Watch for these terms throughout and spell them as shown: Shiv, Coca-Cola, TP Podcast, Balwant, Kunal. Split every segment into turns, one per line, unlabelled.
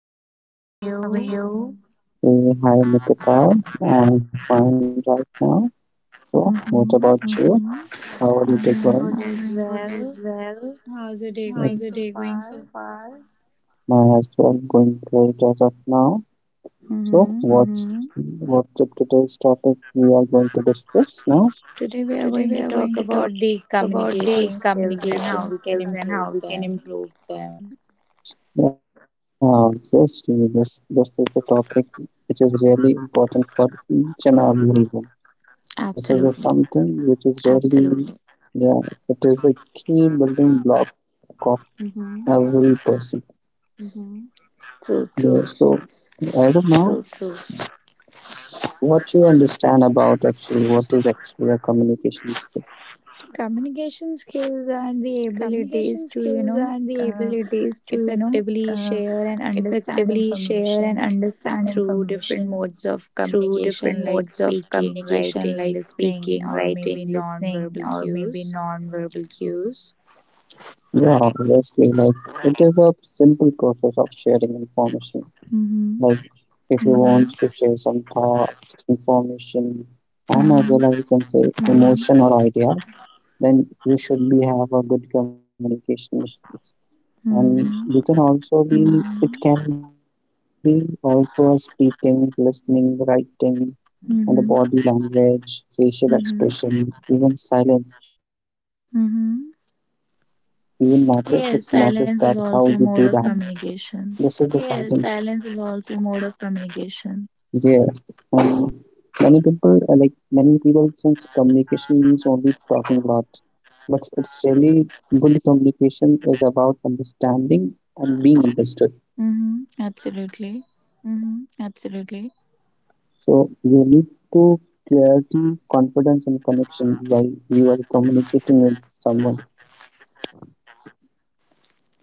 evening. How are you?
Hey, hi Nikita. I'm fine right now. So, what about
Mm-hmm.
you? How are you
I'm doing
doing?
good as well. How's your day going
It's
so far?
my as well going great as of now.
Mm-hmm.
So, what's Mm-hmm. what's the today's topic we are going to discuss
Today,
now?
we are going to talk about the communication skills and how we can improve them.
Yeah, yes, this is the topic which is really important for each and everyone. This is a
Absolutely.
something which is really yeah, it is a key building block of every
Mm-hmm.
person. Yeah,
True, true.
so, as of now, what you understand about actually what is actually a communication skill?
Communication skills are the abilities to, effectively share and understand information through different modes of communication like speaking, writing, listening, or maybe non-verbal cues.
Yeah, obviously, like it is a simple process of sharing information.
Mm-hmm.
Like if you want to share some thoughts, information, and as
Mm-hmm.
well as you can say emotion or idea, then you should be have a good communication skills. And you
Mm-hmm.
can also be it can be also speaking, listening, writing, and the body
Mm-hmm.
language, facial expression, even silence, even matters. It
Mm-hmm.
matters that how you do that.
Yes, silence is
This is the
also a mode
something.
of communication.
Yeah, and many people like many people since communication means only talking a lot, but it's really good communication is about understanding and being understood.
Mm-hmm. Absolutely.
So you need to clarity, confidence, and connection while you are communicating with someone.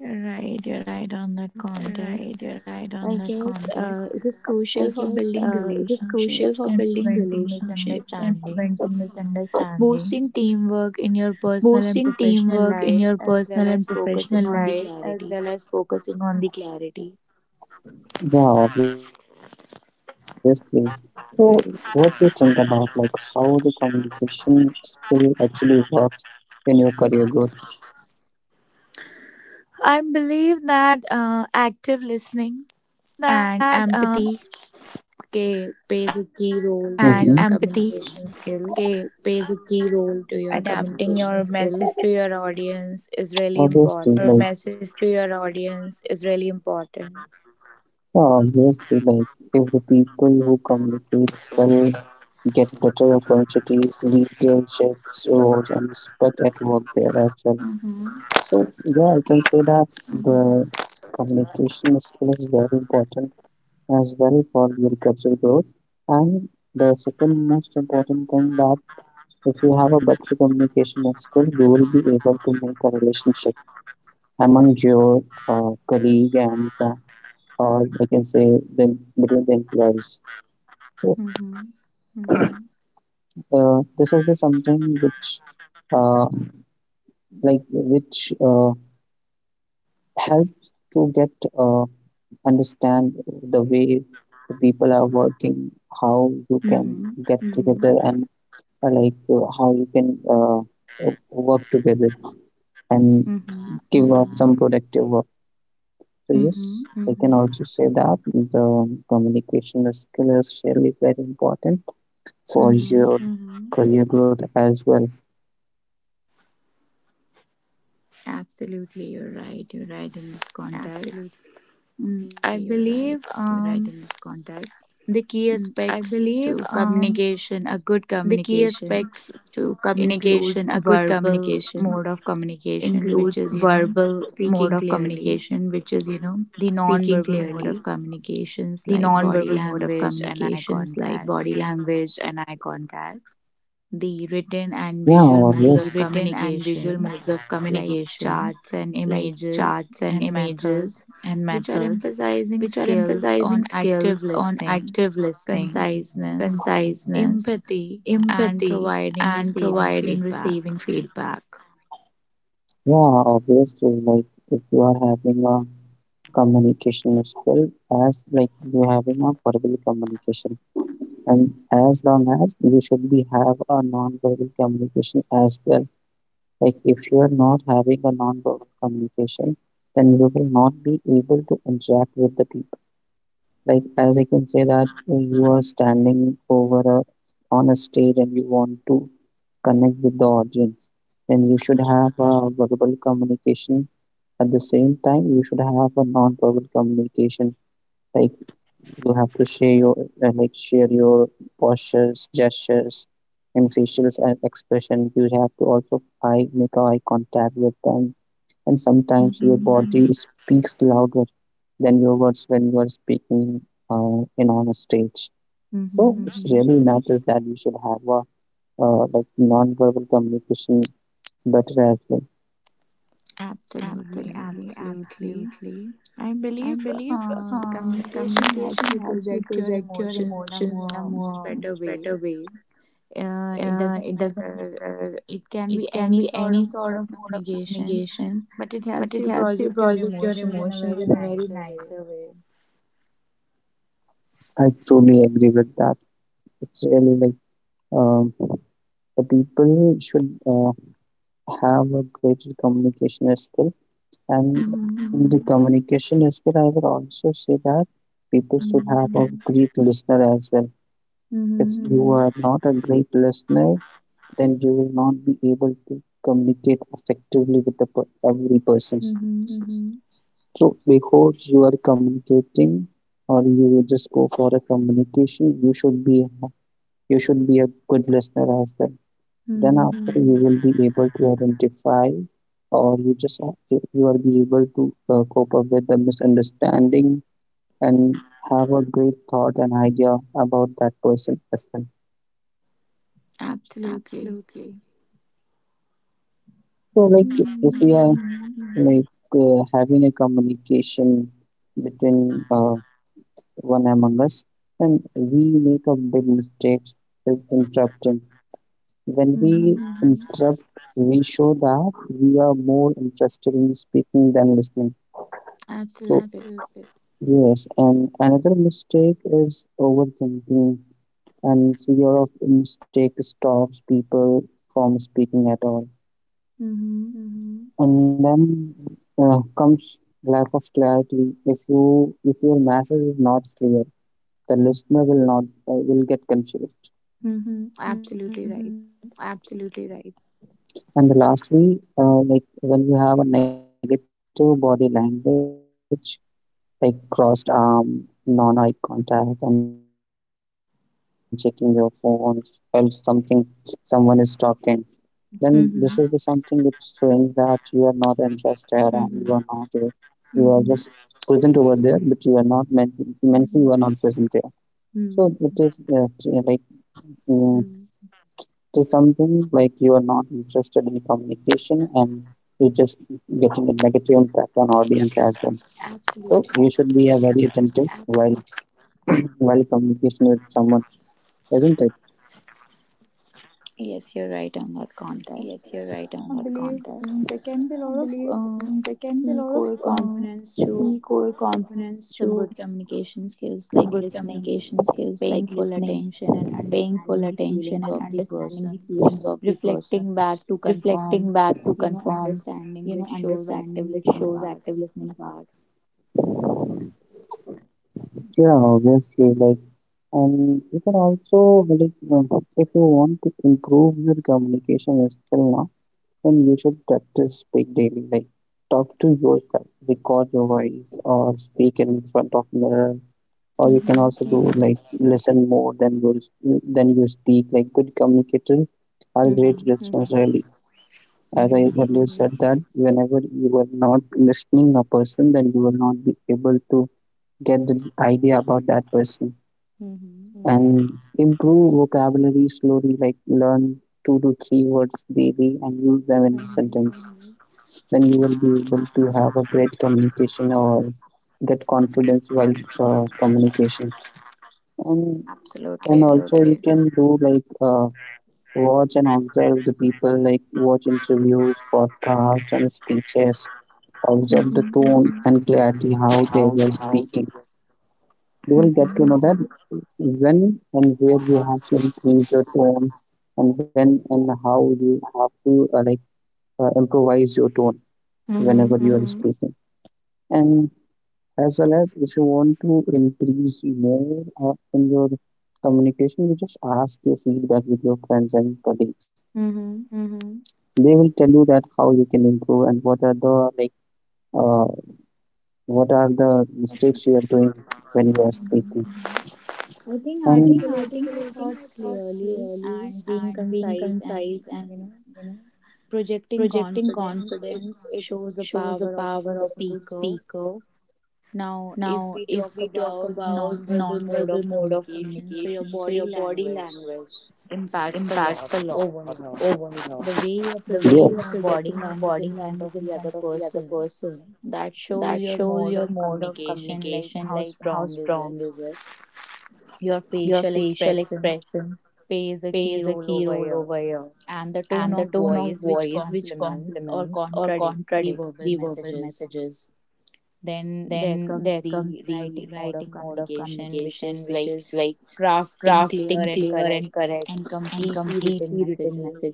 You're right. You're right on that context. I guess it is crucial for building relationships and preventing misunderstandings, boosting teamwork in your personal and professional life, as well as focusing on the clarity.
Yeah, obviously. What do you think about like how the communication skill actually works in your career growth?
I believe that active listening and empathy plays
Mm-hmm.
a key role to your communication skills. Adapting your message to your audience is
Obviously,
really
like
important.
yeah, obviously, like if the people who communicate well get better opportunities, leaderships, roles, and respect at work there as well.
Mm-hmm.
So yeah, I can say that the communication skill is very important as well for your career growth. And the second most important thing that if you have a better communication skill, you will be able to make a relationship among your colleague and or I can say the, between the employees. So,
Mm-hmm.
this is the something which uh, like which helps to get uh, understand the way the people are working, how you can
Mm-hmm.
get together and how you can work together and
Mm-hmm.
give out some productive work. So yes,
Mm-hmm.
I can also say that the communication skill is really very important for
Mm-hmm.
your career growth as well.
Absolutely, you're right. You're right in this context. I believe the key aspects to communication, a good communication, includes verbal mode of communication, which is, you know, speaking clearly, the non-verbal mode of communications like body language and eye contacts, the
Yeah, the
written and
obviously.
visual modes of communication, like charts and images and methods, which are emphasizing skills on active listening, conciseness, empathy, and providing receiving feedback.
Yeah, obviously, like if you are having a communication skill as like you having a verbal communication, and as long as you should be have a non-verbal communication as well. Like if you are not having a non-verbal communication, then you will not be able to interact with the people. Like as I can say that you are standing over a on a stage and you want to connect with the audience, then you should have a verbal communication. At the same time, you should have a non-verbal communication. Like you have to share your share your postures, gestures, and facial expression. You have to also eye make eye contact with them, and sometimes your
Mm-hmm.
body speaks louder than your words when you are speaking in on a stage. So
Mm-hmm.
it really matters that you should have a non-verbal communication better as well.
Absolutely, absolutely. I believe communication helps you project your emotions in a more much better way. It doesn't matter, it can be any sort of mode of communication, but it helps you project your emotions in a very nicer way.
I truly agree with that. It's really like um, the people should uh, have a greater communication skill. And
Mm-hmm.
in the communication as well, I would also say that people should have a great listener as well. If
Mm-hmm.
you are not a great listener, then you will not be able to communicate effectively with the every person.
Mm-hmm.
So before you are communicating or you will just go for a communication, you should be a good listener as well. Then
Mm-hmm.
after you will be able to identify or you are be able to cope up with the misunderstanding and have a great thought and idea about that person as well.
Absolutely.
So like if we
Mm-hmm.
are having a communication between uh, one among us, and we make a big mistakes with interrupting. When we
Mm-hmm.
interrupt, we show that we are more interested in speaking than listening. So
Absolutely.
yes, and another mistake is overthinking, and fear of mistake stops people from speaking at all.
Mm-hmm.
And then comes lack of clarity. If your message is not clear, the listener will not will get confused.
Mm-hmm. Absolutely right.
And lastly, when you have a negative body language, like crossed arm, non-eye contact, and checking your phones while something someone is talking, then this is the something which
Mm-hmm.
showing that you are not interested and you are not you are just
Mm-hmm.
present over there, but you are not mentally you are not present there. So it is
Mm.
uh, t- like mm, is something like you are not interested in communication, and you just getting a negative impact on audience as well.
Absolutely.
So you should be a very attentive while communication with someone, isn't it?
Yes, you're right on that context. I believe there can be a lot of key core components to some good communication skills, like listening, paying full attention, and understanding the feelings of the person, reflecting back to confirm, you know, understanding, which shows active listening part.
Yeah, obviously, like. And you can also, like, if you want to improve your communication skill now, then you should practice speak daily. Like, talk to yourself, record your voice, or speak in front of mirror. Or you can
Mm-hmm.
also do like listen more than you speak. Like, good communicators are great
Mm-hmm.
listeners. Mm-hmm. Really, as I earlier
Mm-hmm.
said that whenever you are not listening a person, then you will not be able to get the idea about that person,
Mm-hmm.
and improve vocabulary slowly, like learn two to three words daily and use them in a
Mm-hmm.
sentence. Then you will be able to have a great communication or get confidence while communication. And and
Absolutely.
also you can do like watch and observe the people, like watch interviews, podcasts, and speeches. Observe the
Mm-hmm.
tone and clarity how they were speaking. You will get to know that when and where you have to increase your tone, and when and how you have to improvise your tone
Mm-hmm.
whenever you are speaking. And as well as if you want to increase more in your communication, you just ask your feedback with your friends and colleagues.
Mm-hmm.
They will tell you that how you can improve and what are the uh, what are the mistakes you are doing when you are speaking
I think
and
articulating your thoughts clearly and being concise and, you know, projecting confidence, it shows the power of a good speaker. Now, if we talk about non-verbal mode of communication, so your body language impacts a lot overall. The way you're
yes
projecting your body language in front of the other person, that shows your mode of communication, like how strong is it. Your facial expressions plays a key role over here, and the tone of voice, which complements or contradicts the verbal messages. Then there comes the writing mode of communication, which is like crafting clear and correct and completely written messages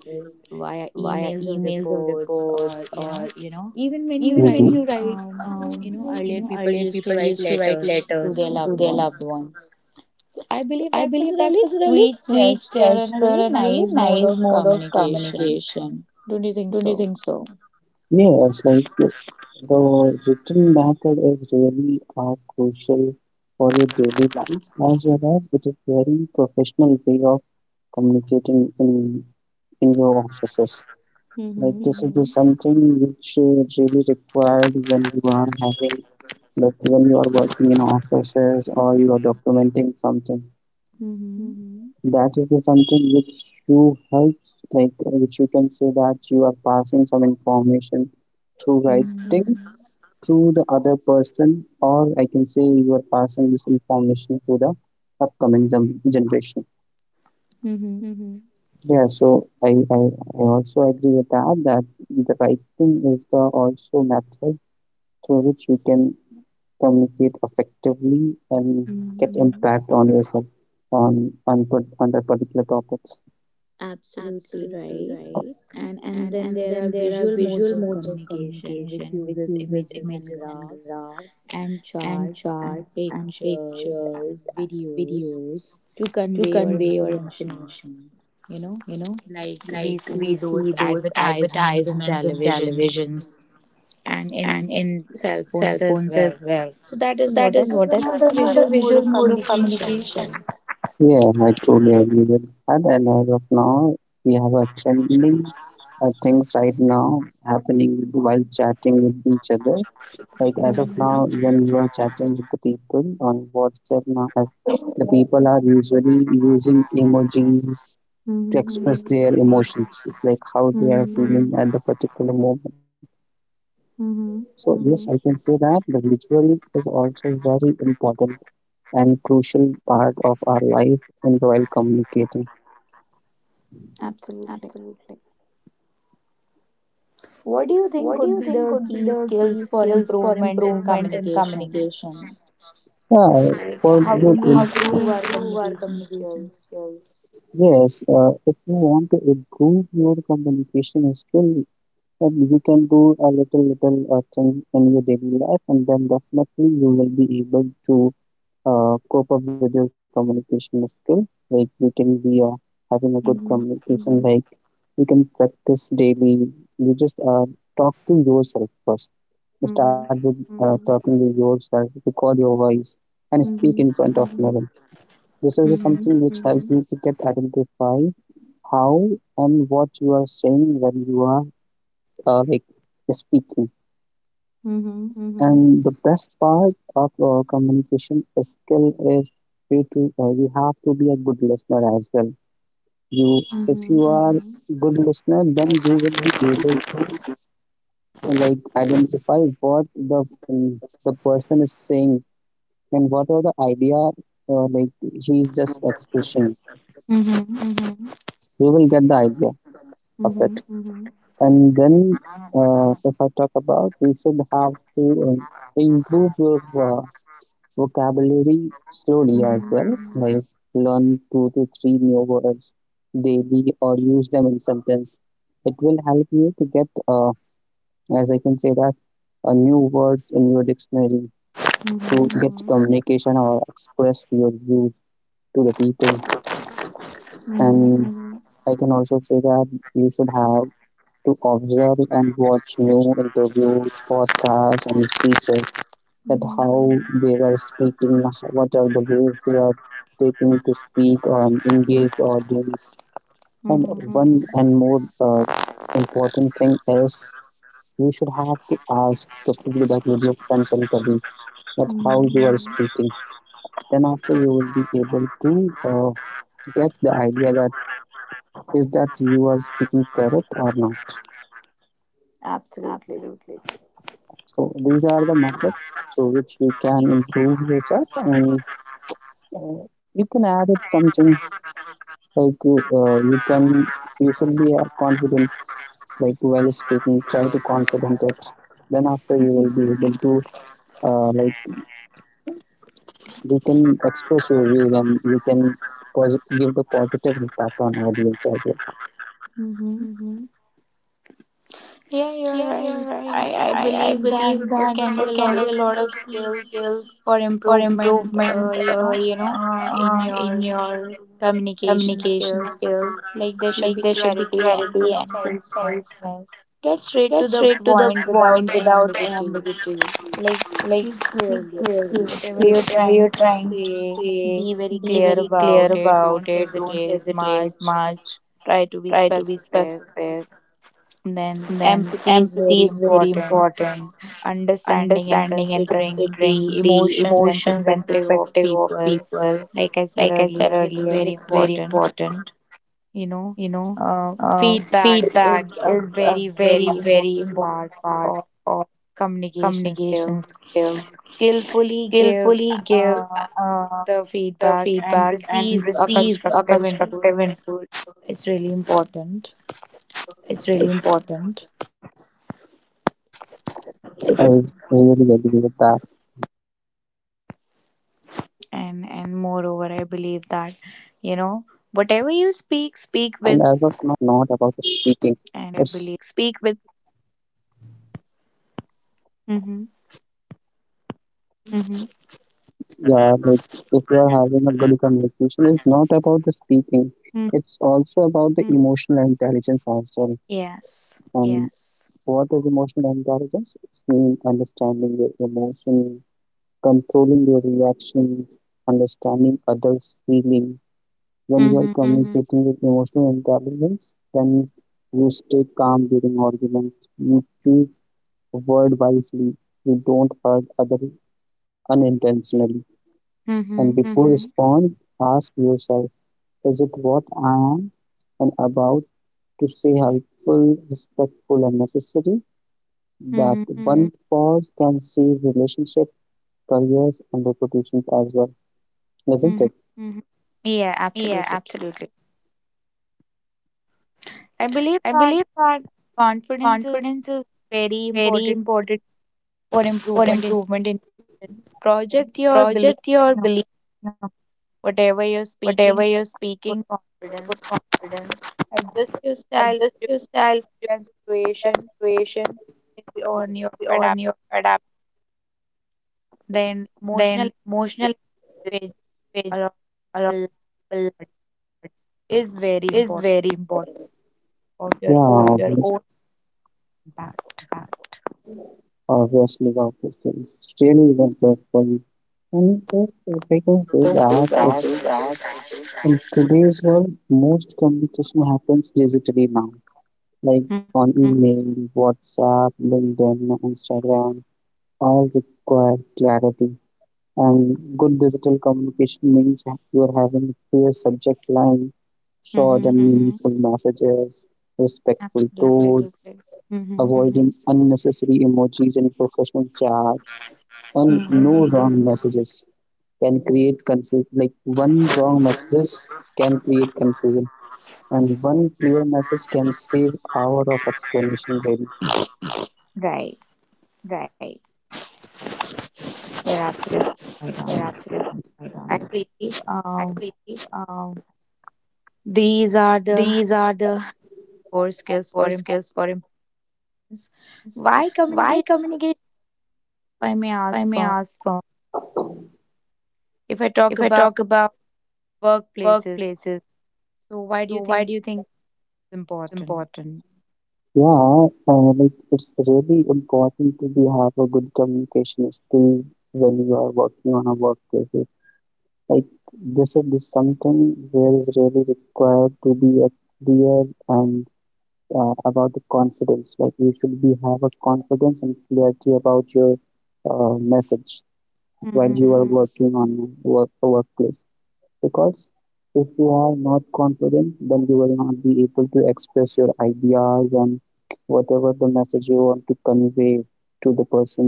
via emails or reports or, you know, even when you
hmm
write, um, you know, earlier people used to write letters to their loved ones, so I believe that was a really sweet gesture and a really nice mode of communication. Don't you think so?
Yes, like the written method is really crucial for your daily life, as well as it is very professional way of communicating in your offices. Like
Mm-hmm.
this is just something which is really required when you are having, like when you are working in offices or you are documenting something.
Mm-hmm.
That is the something which you helps, like which you can say that you are passing some information through writing
Mm-hmm.
to the other person, or I can say you are passing this information to the upcoming generation.
Mm-hmm.
Yeah, so I also agree with that that the writing is the also method through which you can communicate effectively and
Mm-hmm.
get impact on yourself put on the particular topics.
Absolutely right. And then there are visual modes of communication which uses images and graphs and charts and pictures and videos to convey your information. You know? Like we see those advertisements in televisions and in cell phones as well. So that is what, that is another visual mode of communication.
Yeah, I truly agree with that. And as of now, we have a trending things right now happening with, while chatting with each other. Like as of
Mm-hmm.
now, when you are chatting with the people on WhatsApp now, as the people are usually using emojis to
Mm-hmm.
express their emotions, like how they are
Mm-hmm.
feeling at the particular moment.
Mm-hmm.
So yes, I can say that the visual is also very important and crucial part of our life in while communicating.
Absolutely. What do you think could be the key skills for improvement in communication?
Yeah,
Like
for
how
the,
can we improve our communication skills?
yes, if you want to improve your communication skill, then you can do a little, little thing in your daily life, and then definitely you will be able to cope up with your communication skill. Like you can be having a good
Mm-hmm.
communication, like you can practice daily. You just talk to yourself first. Start
Mm-hmm.
with talking with yourself, record your voice, and speak in
Mm-hmm.
front of mirror. This is
Mm-hmm.
something which helps you to get identify how and what you are saying when you are uh, like speaking.
Mm-hmm.
And the best part of communication skill is you have to be a good listener as well. You if you are good listener, then you will be able to like identify what the person is saying, then what are the idea uh, like he is just expressing,
Mm-hmm. Mm-hmm.
we will get the idea of
Mm-hmm.
it. And then if I talk about, we should have to improve your vocabulary slowly as well, like learn two to three new words daily or use them in sentence. It will help you to get, as I can say that, new words in your dictionary to
Mm-hmm.
get communication or express your views to the people.
Mm-hmm.
And I can also say that you should have to observe and watch new interviews, podcasts, and speeches that how they are speaking, what are the ways they are taking to speak on engaged audience. And
Mm-hmm.
one and more important thing is you should have to ask the feedback with your friends and colleagues that
Mm-hmm.
how you are speaking. Then after you will be able to uh, get the idea that is that you are speaking correct or not.
Absolutely.
So these are the methods through which you can improve yourself and uh, you can add it something like you should be confident, like while speaking try to confident it, then after you will be able to uh, like you can express your views and you can give the positive impact on audience as well.
Hmm. Yeah, you're right. I believe that there can be a lot of key skills for improvement, in your communication skills. Like, there should be clarity and conciseness. Get straight to the point without ambiguity. Like, speak clearly. Whatever you're trying to say, be very clear about it. Don't hesitate much. Try to be specific. Then empathy is very important. Understanding and considering the emotions and perspective of people, like I said earlier, it's very important. You know, feedback is a very, very important part of communication skills. Skillfully give uh, the feedback and receive a constructive input. It's really important.
I really agree with that. And as of now, like if you are communicating, like good communication is just
and
not
and
about
moreover, I
speaking.
believe that,
It's
you know, whatever you speak, speak with hmm
yeah, like if you are having a good communication, it's not about the speaking. It's also about the emotional intelligence as well.
yes.
And what is emotional intelligence? It's mean understanding your emotion, controlling your reaction, understanding others' feeling. When you are,
Mm-hmm.
mm-hmm, communicating with emotional intelligence, then you stay calm during arguments. You choose word wisely. You don't hurt others unintentionally. And
Mm-hmm.
before, mm-hmm, respond, ask yourself, is it what I am and about to say helpful, respectful, and necessary? That,
Mm-hmm.
mm-hmm, one pause can save relationship, careers, and reputations as well, isn't
Mm-hmm.
it?
Yeah, absolutely. I believe that confidence is very important for improvement in project your belief. You know, whatever you're speaking with confidence, adjust yourself to the situation based on your adapt. Then emotional intelligence, which a lot of people lack, is very important of your
Yeah,
own
your Miss
impact.
obviously Gaussian skills still even powerful. And if I can say that it's in today's world, most communication happens digitally now, like on email, WhatsApp, LinkedIn, Instagram, all require clarity. And good digital communication means you are having clear subject line, short
Mm-hmm.
and meaningful messages, respectful
Absolutely.
tone, mm-hmm,
Mm-hmm.
avoiding unnecessary emojis and professional chats, and no,
Mm-hmm.
mm-hmm, wrong messages can create confusion. Like one wrong messages can create confusion, and one clear message can save hour of explanation. Really,
Right. You're absolutely right on. I believe these are the core skills for importance. Why communicate, if I may ask from? If I talk about workplaces, so why do you think it's important?
yeah, like it's really important to be have a good communication skill when you are working on a workplace. Like this is something where is really required to be a clear and about the confidence. Like you should be have a confidence and clarity about your message while
Mm-hmm.
you are, hmm, working on work, a workplace, because if you are not confident then you will not be able to express your ideas and whatever the message you want to convey to the person.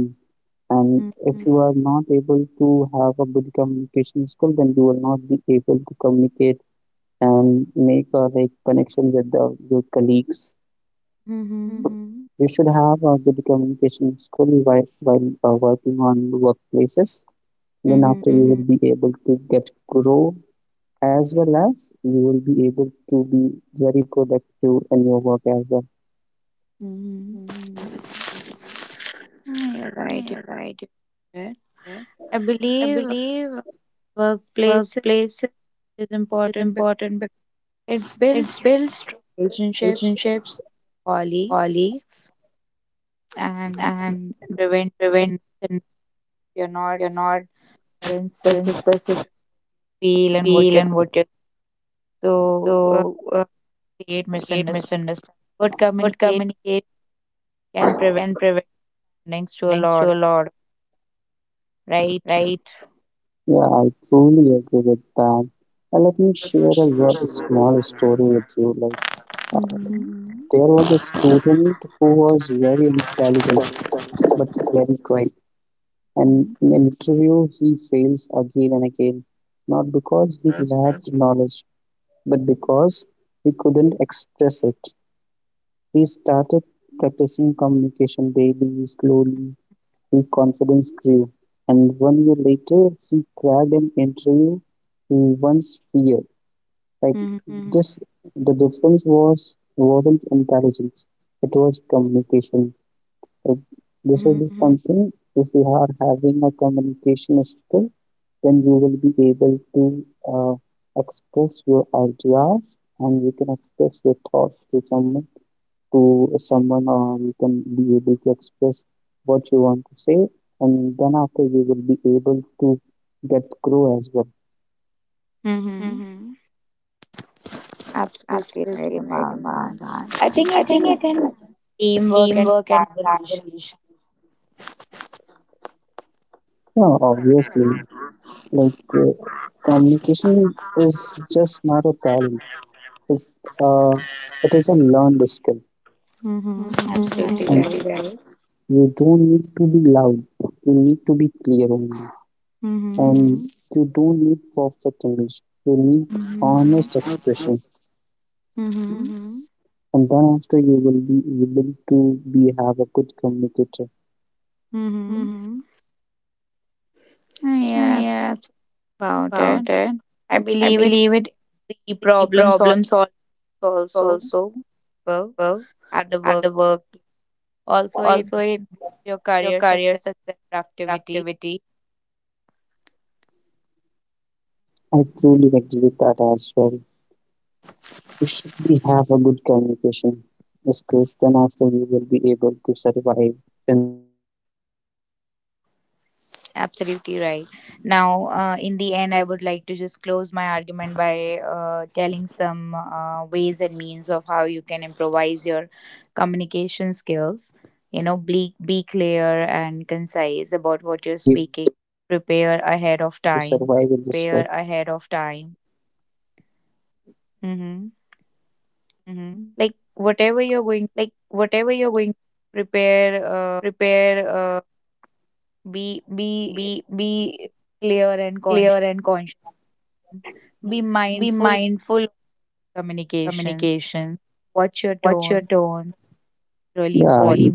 And
Mm-hmm.
if you, hmm, are not able to have a good communication skill then you will not be able to communicate and make a like connection with the, your colleagues.
Mm-hmm.
You should have a good communication skill while, while working on workplaces. Then
Mm-hmm.
after you will be able to get grow, as well as you will be able to be very productive in your work as well.
Hmm mm you are right. You're right. I believe workplaces is important because it builds strong relationships, colleagues, and prevent, and you're not in specific feel and what you're, so create misunderstanding. Good communication can prevent next to a lot, right?
Yeah, I truly agree with that. Let me share a small story with you. Like uh,
Mm-hmm.
there was a student who was very intelligent but very quiet, and
Mm-hmm.
in interview he fails again and again, not because he lacked knowledge, but because he couldn't express it. He started practicing communication daily. Slowly, his confidence grew, and one year later, he cracked an interview he once feared. Like this, the difference wasn't intelligence; it was communication. Like, this will
Mm-hmm.
be something. If you are having a communication skill, then you will be able to uh, express your ideas and you can express your thoughts to someone, to or you can be able to express what you want to say, and then after you will be able to get grow as well.
Mm-hmm. Absolutely right about that. I think it in teamwork and collaboration.
Yeah, obviously, like communication is just not a talent, it's uh it is a learned skill.
Mm-hmm.
and
Absolutely, Mhm,
and
right.
you don't need to be loud, you need to be clear only.
Mm-hmm.
And you don't need perfect english, you need
Mm-hmm.
honest expression,
Mm-hmm.
and then after you will be able to be have a good communicator.
Mm-hmm. Yeah, that's about it. I believe it the problem solves also, people at the workplace, also in your career success, productivity.
I truly agree with that as well. You should be have a good communication skills. Then after you will be able to survive in this world, I can say.
Absolutely right. Now, in the end, I would like to just close my argument by telling
If
some
you are
ways
having
and means of
good
how you can
communication
improvise your
skill, then you
communication
will be
skills.
able
You
to.
know,
I,
be clear
I can say
and
that you are
concise about what
you
you're
will be able
speaking,
to survive in this
prepare
world.
ahead of time. Hmm. Like, whatever you're going to prepare, be clear and conscious. Be mindful of communication. Watch your tone. Really
Yeah,
important.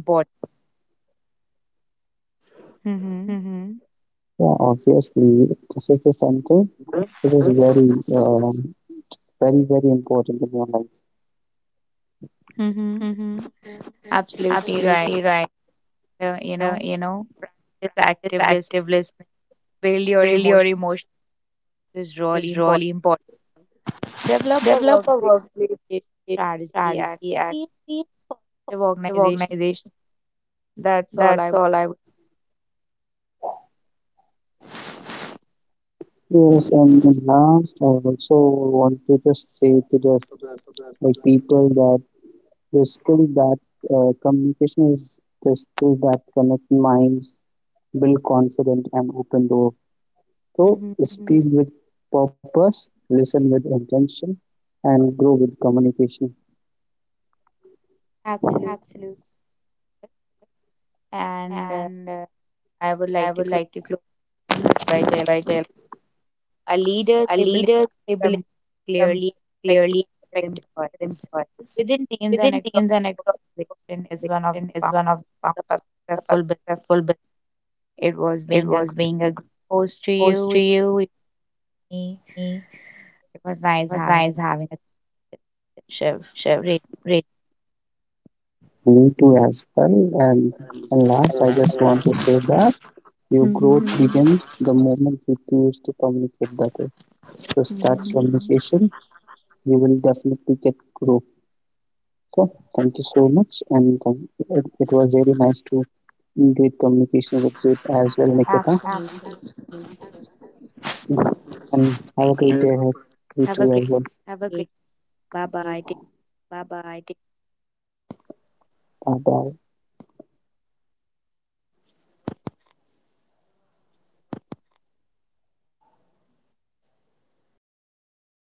Mm-hmm.
yeah. Obviously, this is something. This is very. um Very, very important in your life.
Mm-hmm. Absolutely right. You know, practice active listening. Build your emotions is really important. Develop a workplace communication strategy and create a positive organization. That's all I would.
Yes, and last I also want to just say to the like people that the skill that communication is the skill that connect minds, build confidence and open door. So,
Mm-hmm.
hmm, speak with purpose, listen with intention, and grow with communication.
Absolutely. And I would like to close by this. A leader's ability to communicate clearly and effectively with employees within teams and across the organization is one of the founders of a successful business. It was being a good host to you, with me. It was nice having a chat with Shiv. Really.
Me too as well. And last I just want to say that your growth, hmm,
Mm-hmm.
begins the moment you choose to communicate better. So start, hmm,
Mm-hmm.
communication, we will definitely get grow. So thank you so much, and it was really nice to do communication with you as well, Nikita.
Absolutely.
And have a great day ahead, you too as
Have
well.
a great day. Bye bye.
Bye bye.